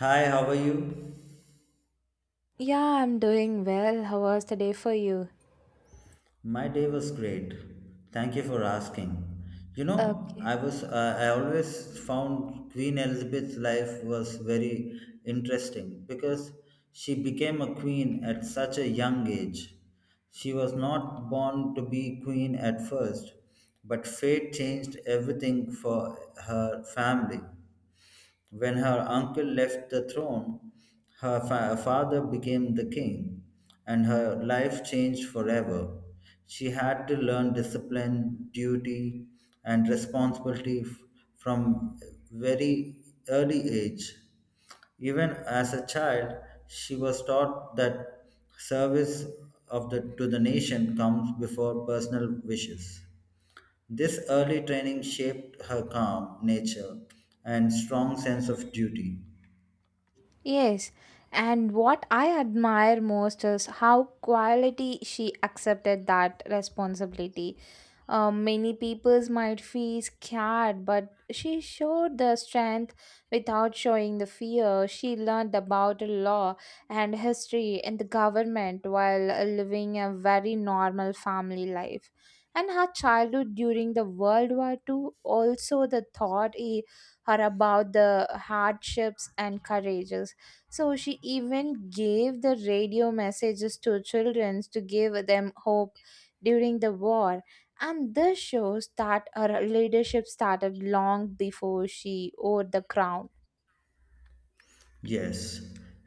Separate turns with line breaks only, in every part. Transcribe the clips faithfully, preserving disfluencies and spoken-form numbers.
Hi, how are you?
Yeah, I'm doing well. How was the day for you?
My day was great. Thank you for asking. You know,
Okay.
I was uh, I always found Queen Elizabeth's life was very interesting because she became a queen at such a young age. She was not born to be queen at first, but fate changed everything for her family. When her uncle left the throne, her fa- father became the king, and her life changed forever. She had to learn discipline, duty, and responsibility f- from very early age. Even as a child, she was taught that service of the, to the nation comes before personal wishes. This early training shaped her calm nature and strong sense of duty.
Yes, and what I admire most is how quality she accepted that responsibility. Uh, many peoples might feel scared, but she showed the strength without showing the fear. She learned about the law and history and the government while uh, living a very normal family life. And her childhood during the World War Two. also the thought eh, her about the hardships and courages, so she even gave the radio messages to children to give them hope during the war. And this shows that her leadership started long before she wore the crown.
Yes,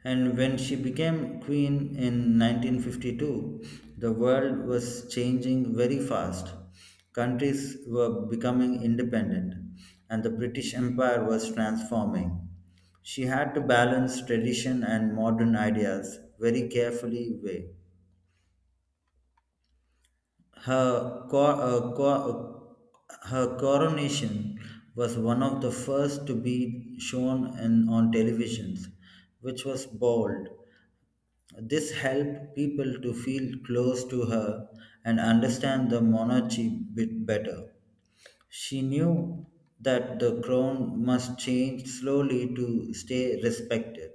and when she became queen in nineteen fifty-two, the world was changing very fast. Countries were becoming independent, and the British Empire was transforming. She had to balance tradition and modern ideas very carefully way. Her, cor uh, co- uh, Her coronation was one of the first to be shown in, on televisions, which was bold. This helped people to feel close to her and understand the monarchy bit better. She knew that the crown must change slowly to stay respected.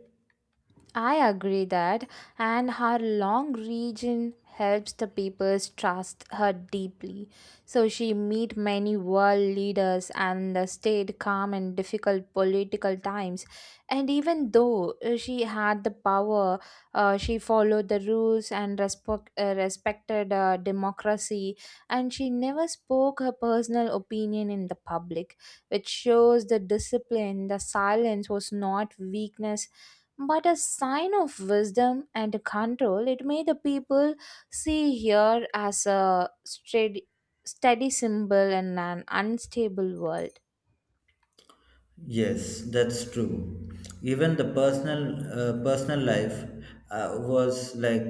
I agree that, and her long region helps the people's trust her deeply. So she meet many world leaders and uh, stayed calm in difficult political times. And even though uh, she had the power, uh, she followed the rules and respect, uh, respected uh, democracy. And she never spoke her personal opinion in the public, which shows the discipline. The silence was not weakness but a sign of wisdom and control. It made the people see here as a steady, steady symbol in an unstable world.
Yes, that's true. Even the personal uh, personal life uh, was like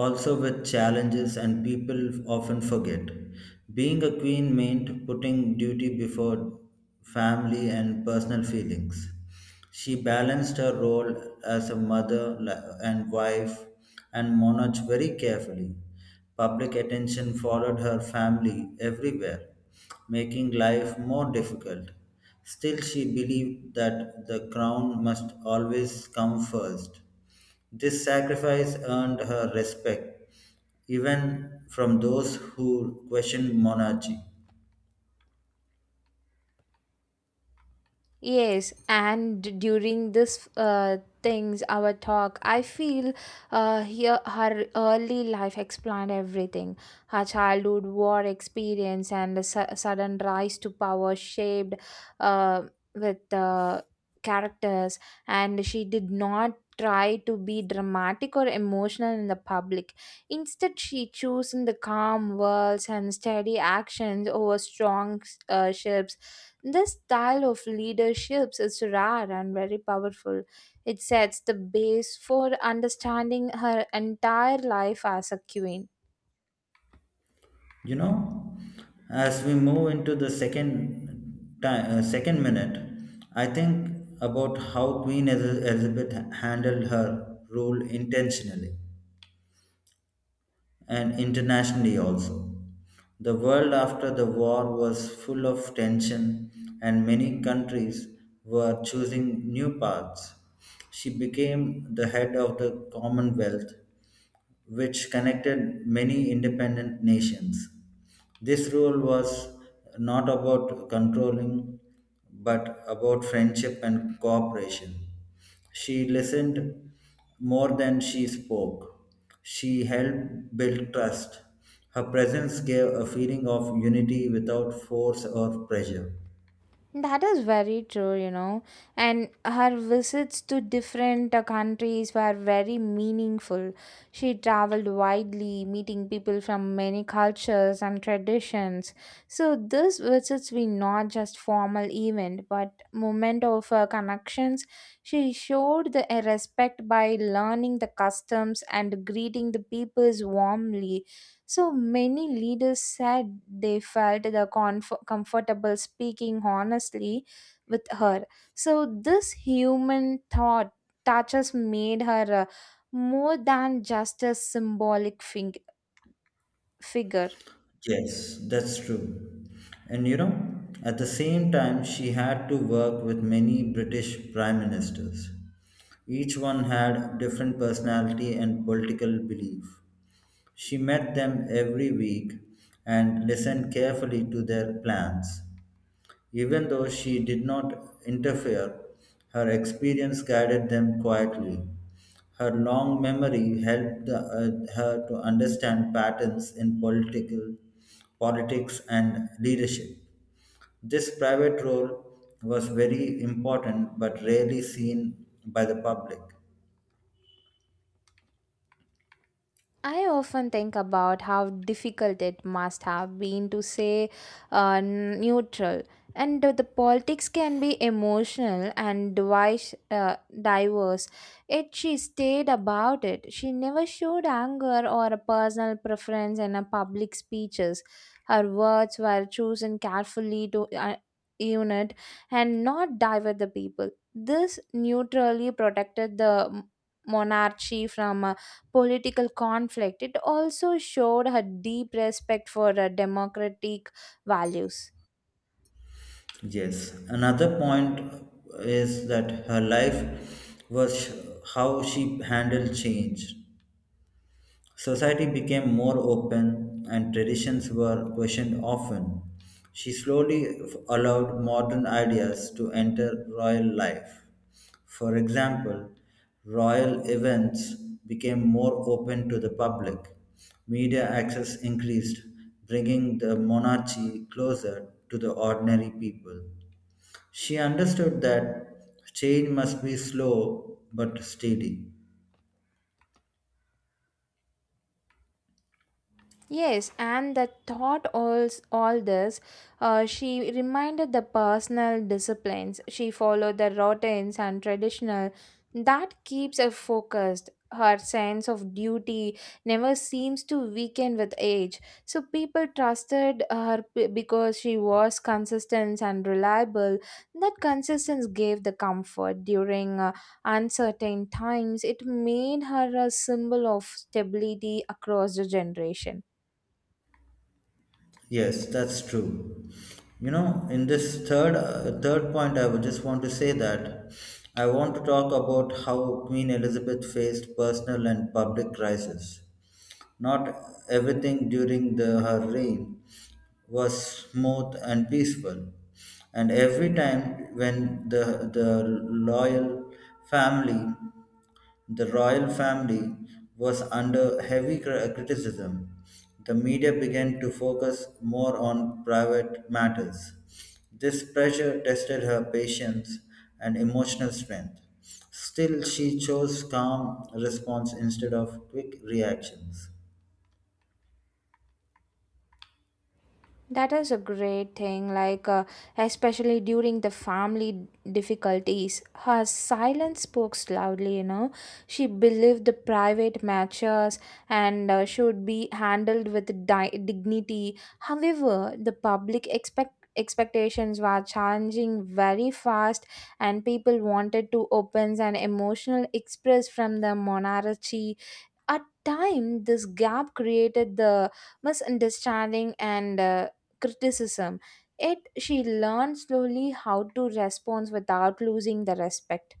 also with challenges and people often forget. Being a queen meant putting duty before family and personal feelings. She balanced her role as a mother li- and wife and monarch very carefully. Public attention followed her family everywhere, making life more difficult. Still, she believed that the crown must always come first. This sacrifice earned her respect, even from those who questioned monarchy.
Yes, and during this uh, things our talk, I feel uh, here her early life explained everything. Her childhood, war experience, and the su- sudden rise to power shaped uh, with uh, characters. And she did not try to be dramatic or emotional in the public. Instead, she chose in the calm words and steady actions over strong uh, ships. This style of leadership is rare and very powerful. It sets the base for understanding her entire life as a queen.
You know, as we move into the second time, uh, second minute, I think about how Queen Eliz- Elizabeth handled her rule intentionally and internationally also. The world after the war was full of tension, and many countries were choosing new paths. She became the head of the Commonwealth, which connected many independent nations. This rule was not about controlling, but about friendship and cooperation. She listened more than she spoke. She helped build trust. Her presence gave a feeling of unity without force or pressure.
That is very true, you know. And her visits to different uh, countries were very meaningful. She traveled widely, meeting people from many cultures and traditions. So these visits were not just formal event, but moment of uh, connections. She showed the uh, respect by learning the customs and greeting the peoples warmly. So many leaders said they felt the comf- comfortable speaking honestly with her. So this human thought touches made her uh, more than just a symbolic fig- figure.
Yes, that's true. And you know, at the same time, she had to work with many British prime ministers. Each one had different personality and political belief. She met them every week and listened carefully to their plans. Even though she did not interfere, her experience guided them quietly. Her long memory helped uh, her to understand patterns in political politics and leadership. This private role was very important but rarely seen by the public.
I often think about how difficult it must have been to say uh, neutral, and the, the politics can be emotional and device, uh, diverse. Yet she stayed about it. She never showed anger or a personal preference in her public speeches. Her words were chosen carefully to uh, unit and not divert the people. This neutrally protected the monarchy from a political conflict. It also showed her deep respect for uh, democratic values.
Yes, another point is that her life was how she handled change. Society became more open and traditions were questioned often. She slowly f- allowed modern ideas to enter royal life. For example, royal events became more open to the public. Media access increased, bringing the monarchy closer to the ordinary people. She understood that change must be slow but steady.
Yes, and the thought all, all this, uh, she reminded the personal disciplines. She followed the routines and traditional. That keeps her focused. Her sense of duty never seems to weaken with age. So people trusted her p- because she was consistent and reliable. That consistency gave the comfort during uh, uncertain times. It made her a symbol of stability across the generation.
Yes, that's true. You know, in this third uh, third point, I would just want to say that I want to talk about how Queen Elizabeth faced personal and public crisis. Not everything during the, her reign was smooth and peaceful, and every time when the the loyal family the royal family was under heavy cri- uh, criticism. The media began to focus more on private matters. This pressure tested her patience and emotional strength. Still, she chose calm response instead of quick reactions.
That is a great thing, like, uh, especially during the family difficulties. Her silence spoke loudly, you know. She believed the private matters and uh, should be handled with di- dignity. However, the public expect expectations were changing very fast, and people wanted to opens an emotional express from the monarchy at time. This gap created the misunderstanding and uh, criticism. Yet she learned slowly how to respond without losing the respect.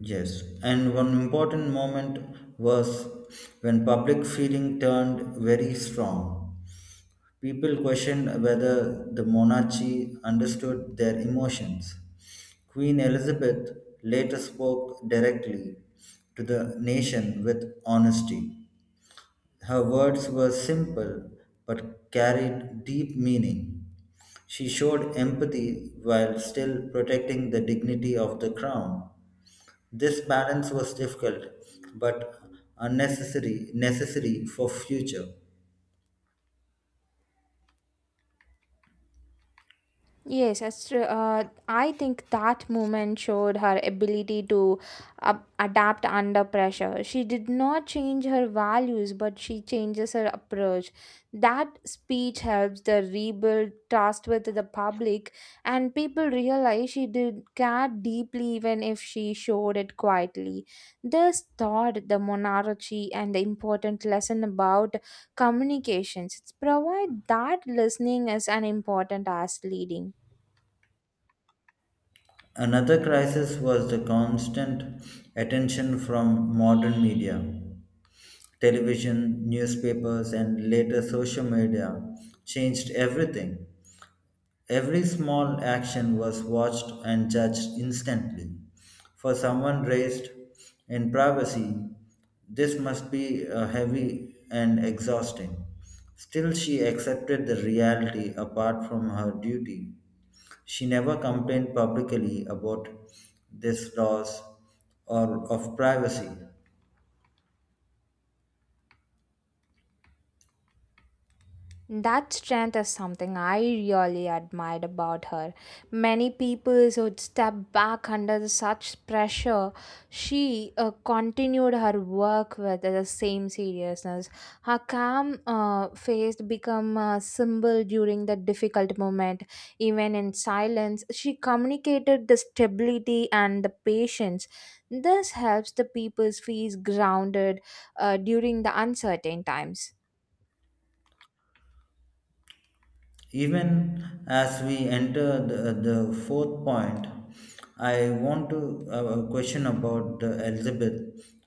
Yes, and one important moment was when public feeling turned very strong. People questioned whether the monarchy understood their emotions. Queen Elizabeth later spoke directly to the nation with honesty. Her words were simple but carried deep meaning. She showed empathy while still protecting the dignity of the crown. This balance was difficult but unnecessary necessary for future.
Yes, that's true. Uh, I think that moment showed her ability to uh, adapt under pressure. She did not change her values, but she changes her approach. That speech helps the rebuild trust with the public, and people realize she did care deeply, even if she showed it quietly. This taught the monarchy and the important lesson about communications. It's provide that listening is an important as leading.
Another crisis was the constant attention from modern media. Television, newspapers, and later social media changed everything. Every small action was watched and judged instantly. For someone raised in privacy, this must be uh, heavy and exhausting. Still, she accepted the reality apart from her duty. She never complained publicly about this loss or of privacy.
That strength is something I really admired about her. Many people would step back under such pressure. She uh, continued her work with the same seriousness. Her calm uh, face became a symbol during the difficult moment. Even in silence, she communicated the stability and the patience. This helps the people feel grounded uh, during the uncertain times.
Even as we enter the, the fourth point, I want to uh, uh, question about the Elizabeth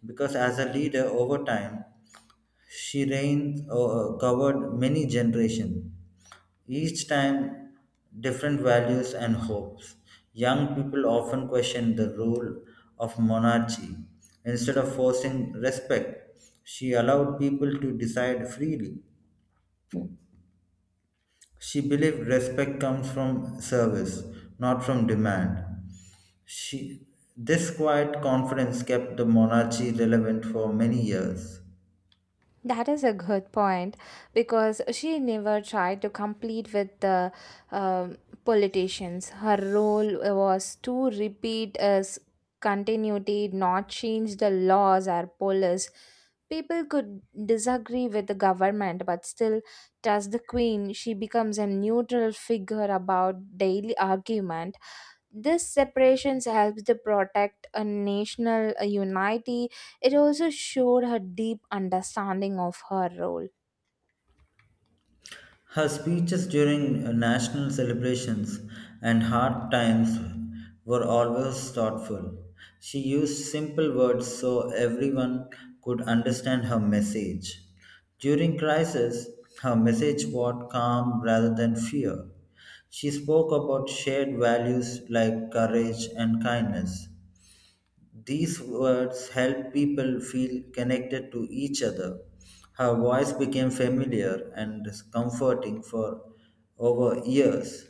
because as a leader over time, she reigned uh, uh, covered many generations, each time different values and hopes. Young people often question the role of monarchy. Instead of forcing respect, she allowed people to decide freely. She believed respect comes from service, not from demand. She, this quiet confidence kept the monarchy relevant for many years.
That is a good point because she never tried to compete with the um, politicians. Her role was to repeat as continuity, not change the laws or policies. People could disagree with the government, but still, as the queen, she becomes a neutral figure about daily argument. This separations helps to protect a national uh, unity. It also showed her deep understanding of her role.
Her speeches during uh, national celebrations and hard times were always thoughtful. She used simple words so everyone could understand her message. During crisis, her message brought calm rather than fear. She spoke about shared values like courage and kindness. These words helped people feel connected to each other. Her voice became familiar and comforting for over years.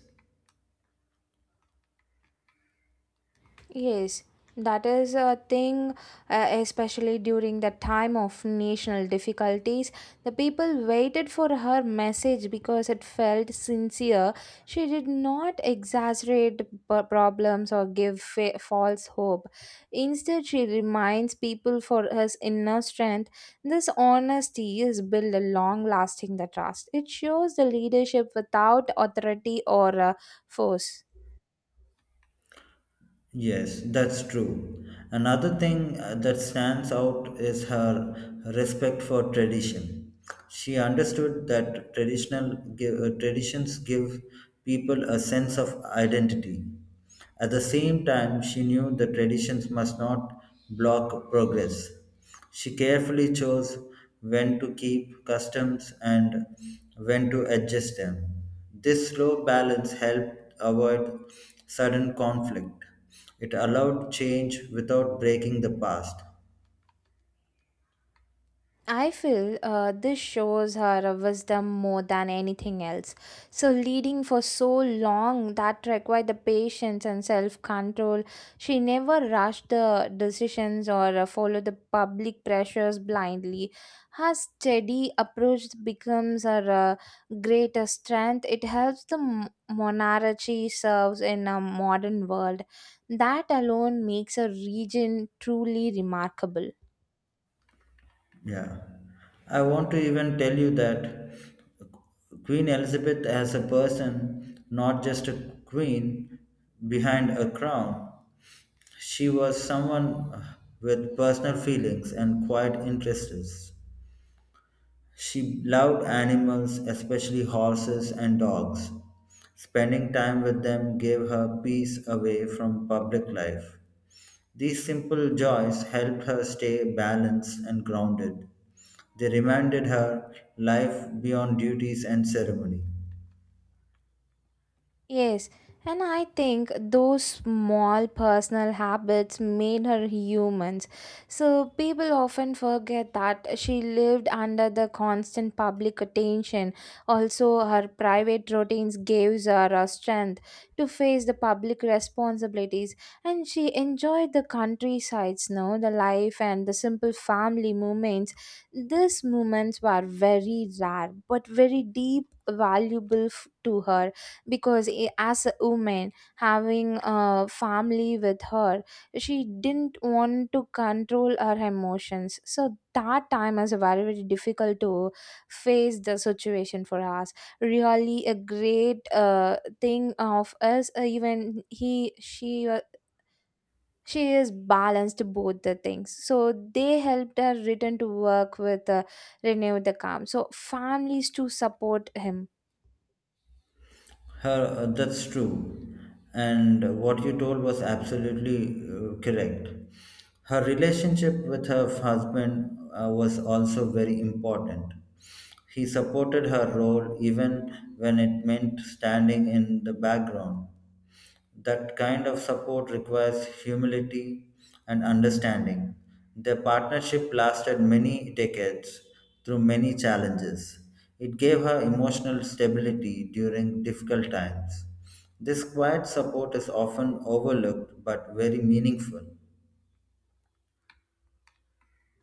Yes, that is a thing, uh, especially during the time of national difficulties. The people waited for her message because it felt sincere. She did not exaggerate p- problems or give fa- false hope. Instead, she reminds people for his inner strength. This honesty has built a long lasting the trust. It shows the leadership without authority or uh, force.
Yes, that's true. Another thing uh, that stands out is her respect for tradition. She understood that traditional give, uh, traditions give people a sense of identity. At the same time, she knew the traditions must not block progress. She carefully chose when to keep customs and when to adjust them. This slow balance helped avoid sudden conflict. It allowed change without breaking the past.
I feel uh, this shows her a wisdom more than anything else. So, leading for so long that required the patience and self control. She never rushed the decisions or uh, followed the public pressures blindly. Her steady approach becomes her uh, greatest strength. It helps the m- monarchy serves in a modern world. That alone makes a region truly remarkable.
Yeah. I want to even tell you that Queen Elizabeth, as a person, not just a queen behind a crown, she was someone with personal feelings and quiet interests. She loved animals, especially horses and dogs. Spending time with them gave her peace away from public life. These simple joys helped her stay balanced and grounded. They reminded her life beyond duties and ceremony.
Yes, and I think those small personal habits made her humans. So people often forget that she lived under the constant public attention. Also, her private routines gave her a strength to face the public responsibilities, and she enjoyed the countrysides, no, the life and the simple family moments. These moments were very rare but very deep, valuable f- to her, because i- as a woman having a family with her, she didn't want to control her emotions. So that time was very very difficult to face the situation for us. Really a great uh, thing of us, uh, even he she wa- she is balanced both the things, so they helped her return to work with uh, renew the calm, so families to support him.
Her, uh, that's true. And what you told was absolutely uh, correct. Her relationship with her husband uh, was also very important. He supported her role even when it meant standing in the background. That kind of support requires humility and understanding. Their partnership lasted many decades through many challenges. It gave her emotional stability during difficult times. This quiet support is often overlooked but very meaningful.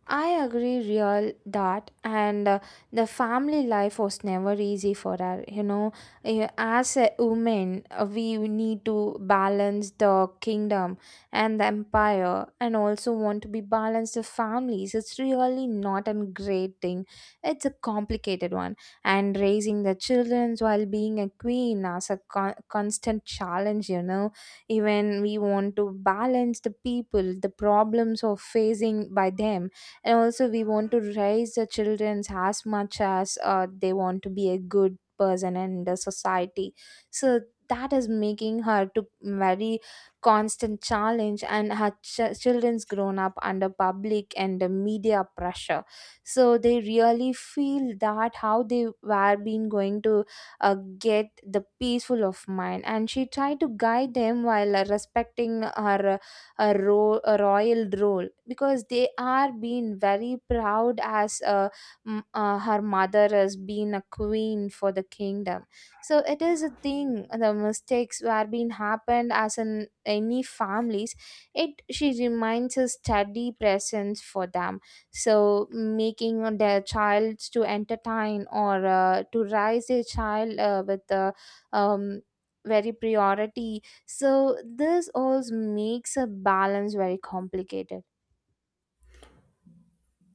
I agree real that, and uh, the family life was never easy for her, you know. Eh, as a woman, uh, we need to balance the kingdom and the empire, and also want to be balanced the families. It's really not a great thing, it's a complicated one. And raising the children while being a queen as a con- constant challenge, you know. Even we want to balance the people, the problems of facing by them, and also we want to raise the childrens as much as uh, they want to be a good person in the society. So that is making her to very constant challenge, and her ch- children's grown up under public and the media pressure. So they really feel that how they were being going to uh, get the peaceful of mind, and she tried to guide them while uh, respecting her a, ro- a royal role, because they are being very proud as uh, m- uh, her mother has been a queen for the kingdom. So it is a thing the mistakes were being happened as in any families. It she reminds a steady presence for them, so making their child to entertain or uh, to raise their child uh, with the um, very priority. So this also makes a balance very complicated.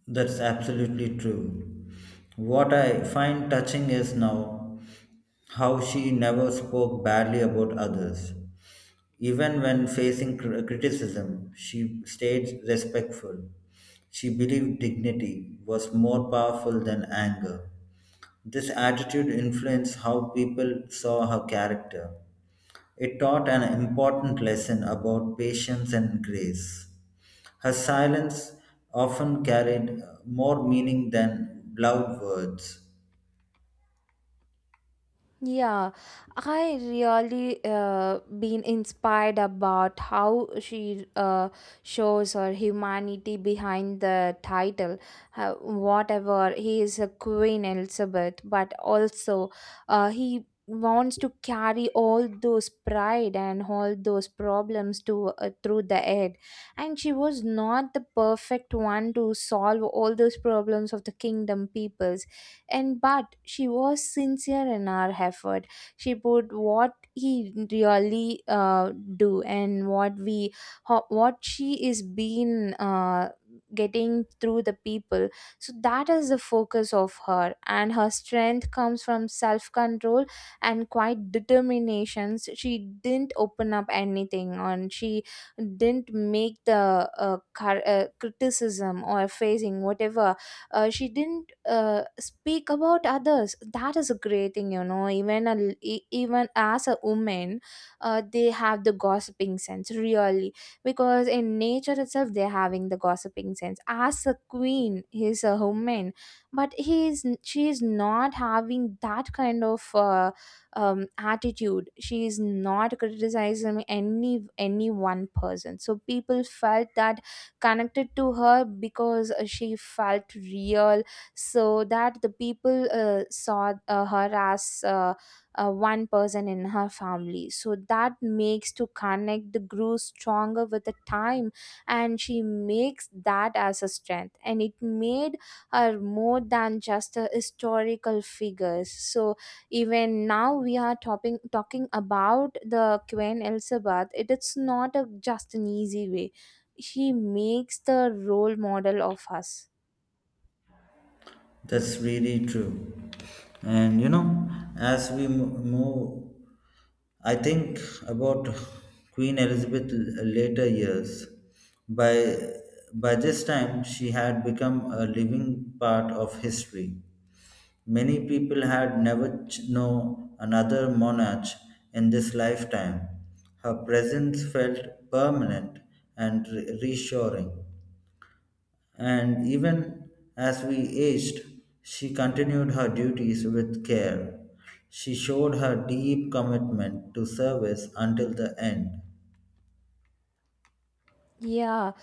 That's absolutely true. What I find touching is now how she never spoke badly about others. Even when facing cr- criticism, she stayed respectful. She believed dignity was more powerful than anger. This attitude influenced how people saw her character. It taught an important lesson about patience and grace. Her silence often carried more meaning than loud words.
Yeah, I really uh, been inspired about how she uh, shows her humanity behind the title. Uh, whatever he is a Queen Elizabeth, but also uh, he wants to carry all those pride and all those problems to uh, through the head, and she was not the perfect one to solve all those problems of the kingdom people, and but she was sincere in her effort. She put what he really uh, do, and what we ho- what she is been uh, getting through the people. So that is the focus of her, and her strength comes from self control and quite determinations. She didn't open up anything, and she didn't make the uh, car- uh, criticism or facing whatever, uh, she didn't uh, speak about others. That is a great thing, you know. Even a, l- e- even as a woman, uh, they have the gossiping sense really, because in nature itself they're having the gossiping sense. As a queen, he's a woman, but he is she is not having that kind of uh, um, attitude. She is not criticizing any any one person, so people felt that connected to her, because uh, she felt real. So that the people uh, saw uh, her as uh, uh, one person in her family. So that makes to connect the grew stronger with the time, and she makes that as a strength, and it made her more than just a historical figures. So even now we are talking talking about the Queen Elizabeth, it is not a, just an easy way. She makes the role model of us.
That's really true. And you know, as we mo- move, I think about Queen Elizabeth l- later years. By by this time, she had become a living part of history. Many people had never ch- known another monarch in this lifetime. Her presence felt permanent and re- reassuring, and even as we aged, she continued her duties with care. She showed her deep commitment to service until the end.
Yeah,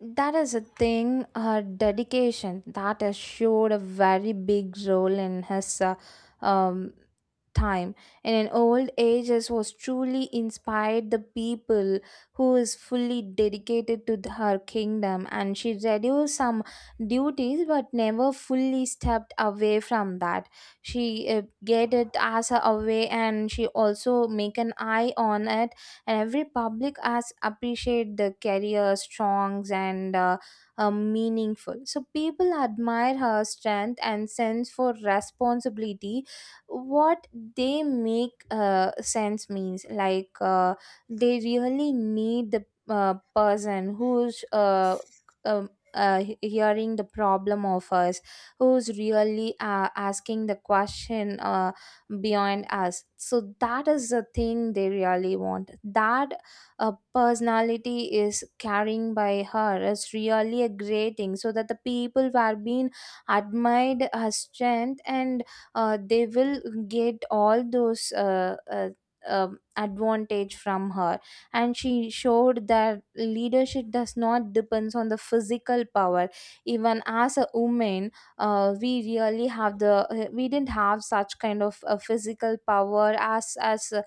that is a thing. Her dedication that has showed a very big role in his uh, um, time and in old age as was truly inspired the people who is fully dedicated to the- her kingdom, and she reduced some duties but never fully stepped away from that. She uh, get it as a away, and she also make an eye on it. And every public as appreciate the career strongs and uh, uh, meaningful, so people admire her strength and sense for responsibility. What they make uh, sense means like, uh, they really need the uh, person who's uh, um, uh, he- hearing the problem of us, who's really uh, asking the question uh, beyond us. So that is the thing they really want, that uh, personality is carrying by her is really a great thing, so that the people were being admired her strength, and uh, they will get all those uh, uh, um, advantage from her. And she showed that leadership does not depends on the physical power. Even as a woman, uh, we really have the we didn't have such kind of uh, physical power as as uh,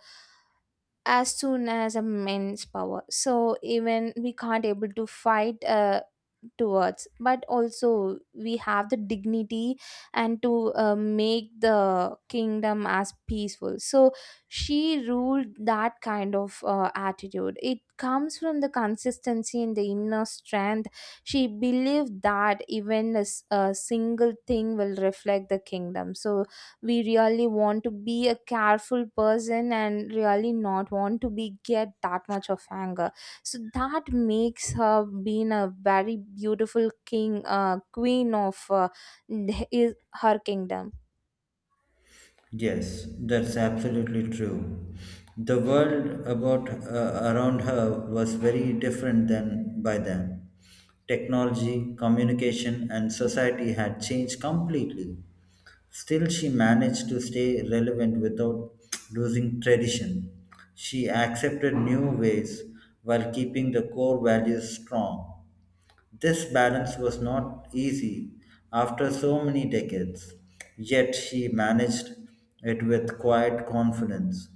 as soon as a men's power, so even we can't able to fight uh, towards, but also we have the dignity and to uh, make the kingdom as peaceful. So she ruled that kind of uh, attitude. It comes from the consistency and the inner strength. She believed that even a, s- a single thing will reflect the kingdom, so we really want to be a careful person and really not want to be get that much of anger. So that makes her being a very beautiful king uh, queen of uh, his, her kingdom.
Yes, that's absolutely true. The world about uh, around her was very different than by then. Technology, communication, and society had changed completely. Still, she managed to stay relevant without losing tradition. She accepted new ways while keeping the core values strong. This balance was not easy after so many decades, yet, she managed it with quiet confidence.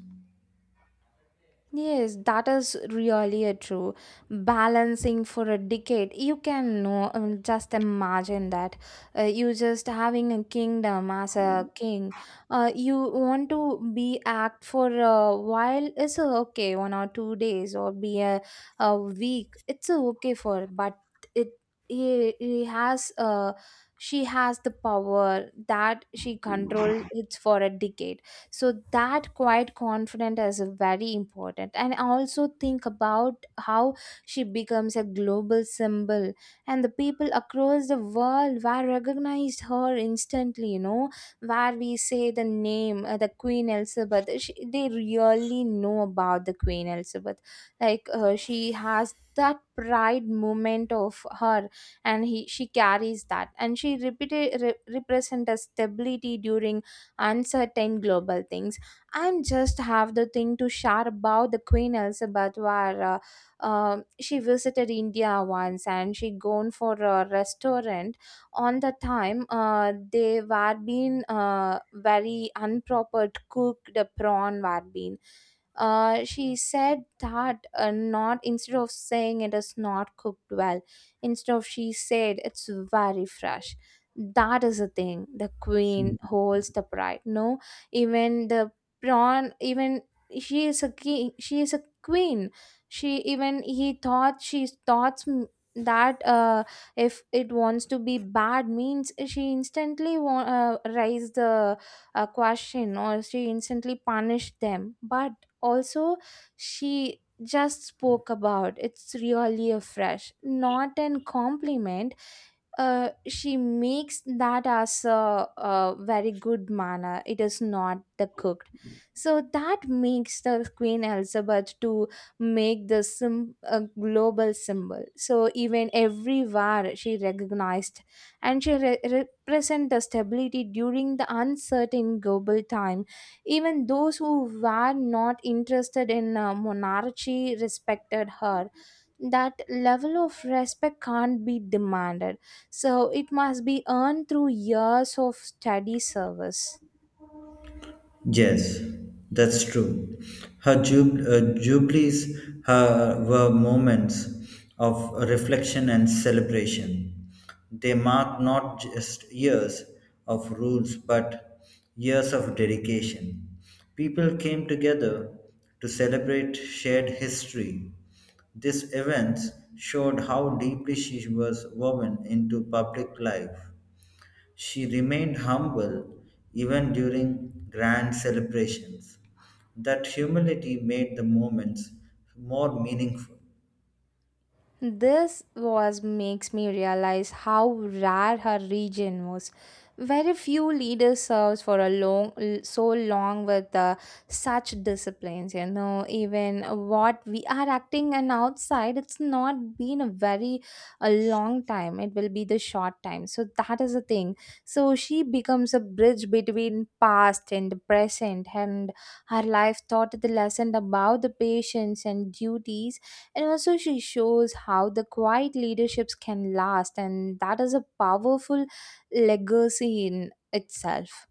Yes, that is really a true balancing for a decade. You can know, um, just imagine that, uh, you just having a kingdom as a king. Uh, you want to be act for a while. It's uh, okay, one or two days or be a, a week. It's uh, okay for, but it he, he has uh, she has the power that she control. It's for a decade, so that quiet confidence is very important. And also think about how she becomes a global symbol, and the people across the world were recognized her instantly, you know, where we say the name, uh, the Queen Elizabeth, she, they really know about the Queen Elizabeth. Like, uh, she has that pride moment of her, and he she carries that, and she repeated re- represent a stability during uncertain global things. I'm just have the thing to share about the Queen Elizabeth, where uh, uh, she visited India once and she gone for a restaurant. On the time, uh, they were being, uh, very unproper cooked prawn were being, uh, she said that, uh, not instead of saying it is not cooked well, instead of she said it's very fresh. That is the thing, the queen holds the pride, no? Even the prawn, even she is a king she is a queen. She even he thought she thought, m- that uh, if it wants to be bad means, she instantly wa- uh, raise the uh, question or she instantly punished them, but also she just spoke about it's really a fresh, not an compliment. uh, she makes that as a, a very good manner. It is not the cooked. So that makes the Queen Elizabeth to make the sim- a global symbol. So even everywhere she recognized, and she re- represent the stability during the uncertain global time. Even those who were not interested in uh, monarchy respected her. That level of respect can't be demanded, so it must be earned through years of steady service.
Yes, that's true. Her jub- uh, jubilees her, were moments of reflection and celebration. They marked not just years of rules but years of dedication. People came together to celebrate shared history. These events showed how deeply she was woven into public life. She remained humble even during grand celebrations. That humility made the moments more meaningful.
This was makes me realize how rare her region was. Very few leaders served for a long, so long with uh, such disciplines. You know, even what we are acting and outside, it's not been a very a long time. It will be the short time. So that is the thing. So she becomes a bridge between past and present, and her life taught the lesson about the patience and duties. And also, she shows how the quiet leaderships can last, and that is a powerful legacy in itself.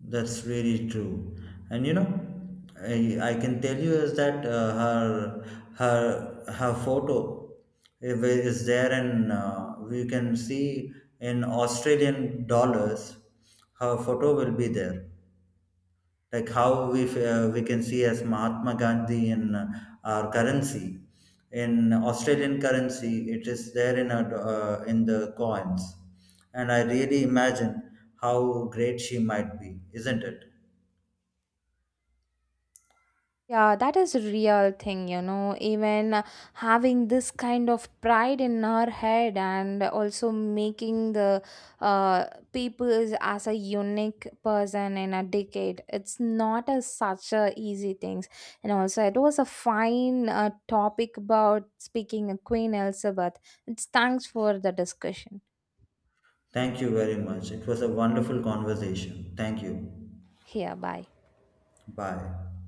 That's really true. And you know, I, I can tell you is that uh, her her her photo is is there, and uh, we can see in Australian dollars her photo will be there, like how we uh, we can see as Mahatma Gandhi in uh, our currency, in Australian currency, it is there in our, uh, in the coins, and I really imagine how great she might be, isn't it?
Yeah, that is a real thing, you know. Even uh, having this kind of pride in our head, and also making the uh, people as a unique person in a decade, it's not a, such a easy things. And also, it was a fine uh, topic about speaking of Queen Elizabeth. It's thanks for the discussion.
Thank you very much. It was a wonderful conversation. Thank you.
Here, bye.
Bye.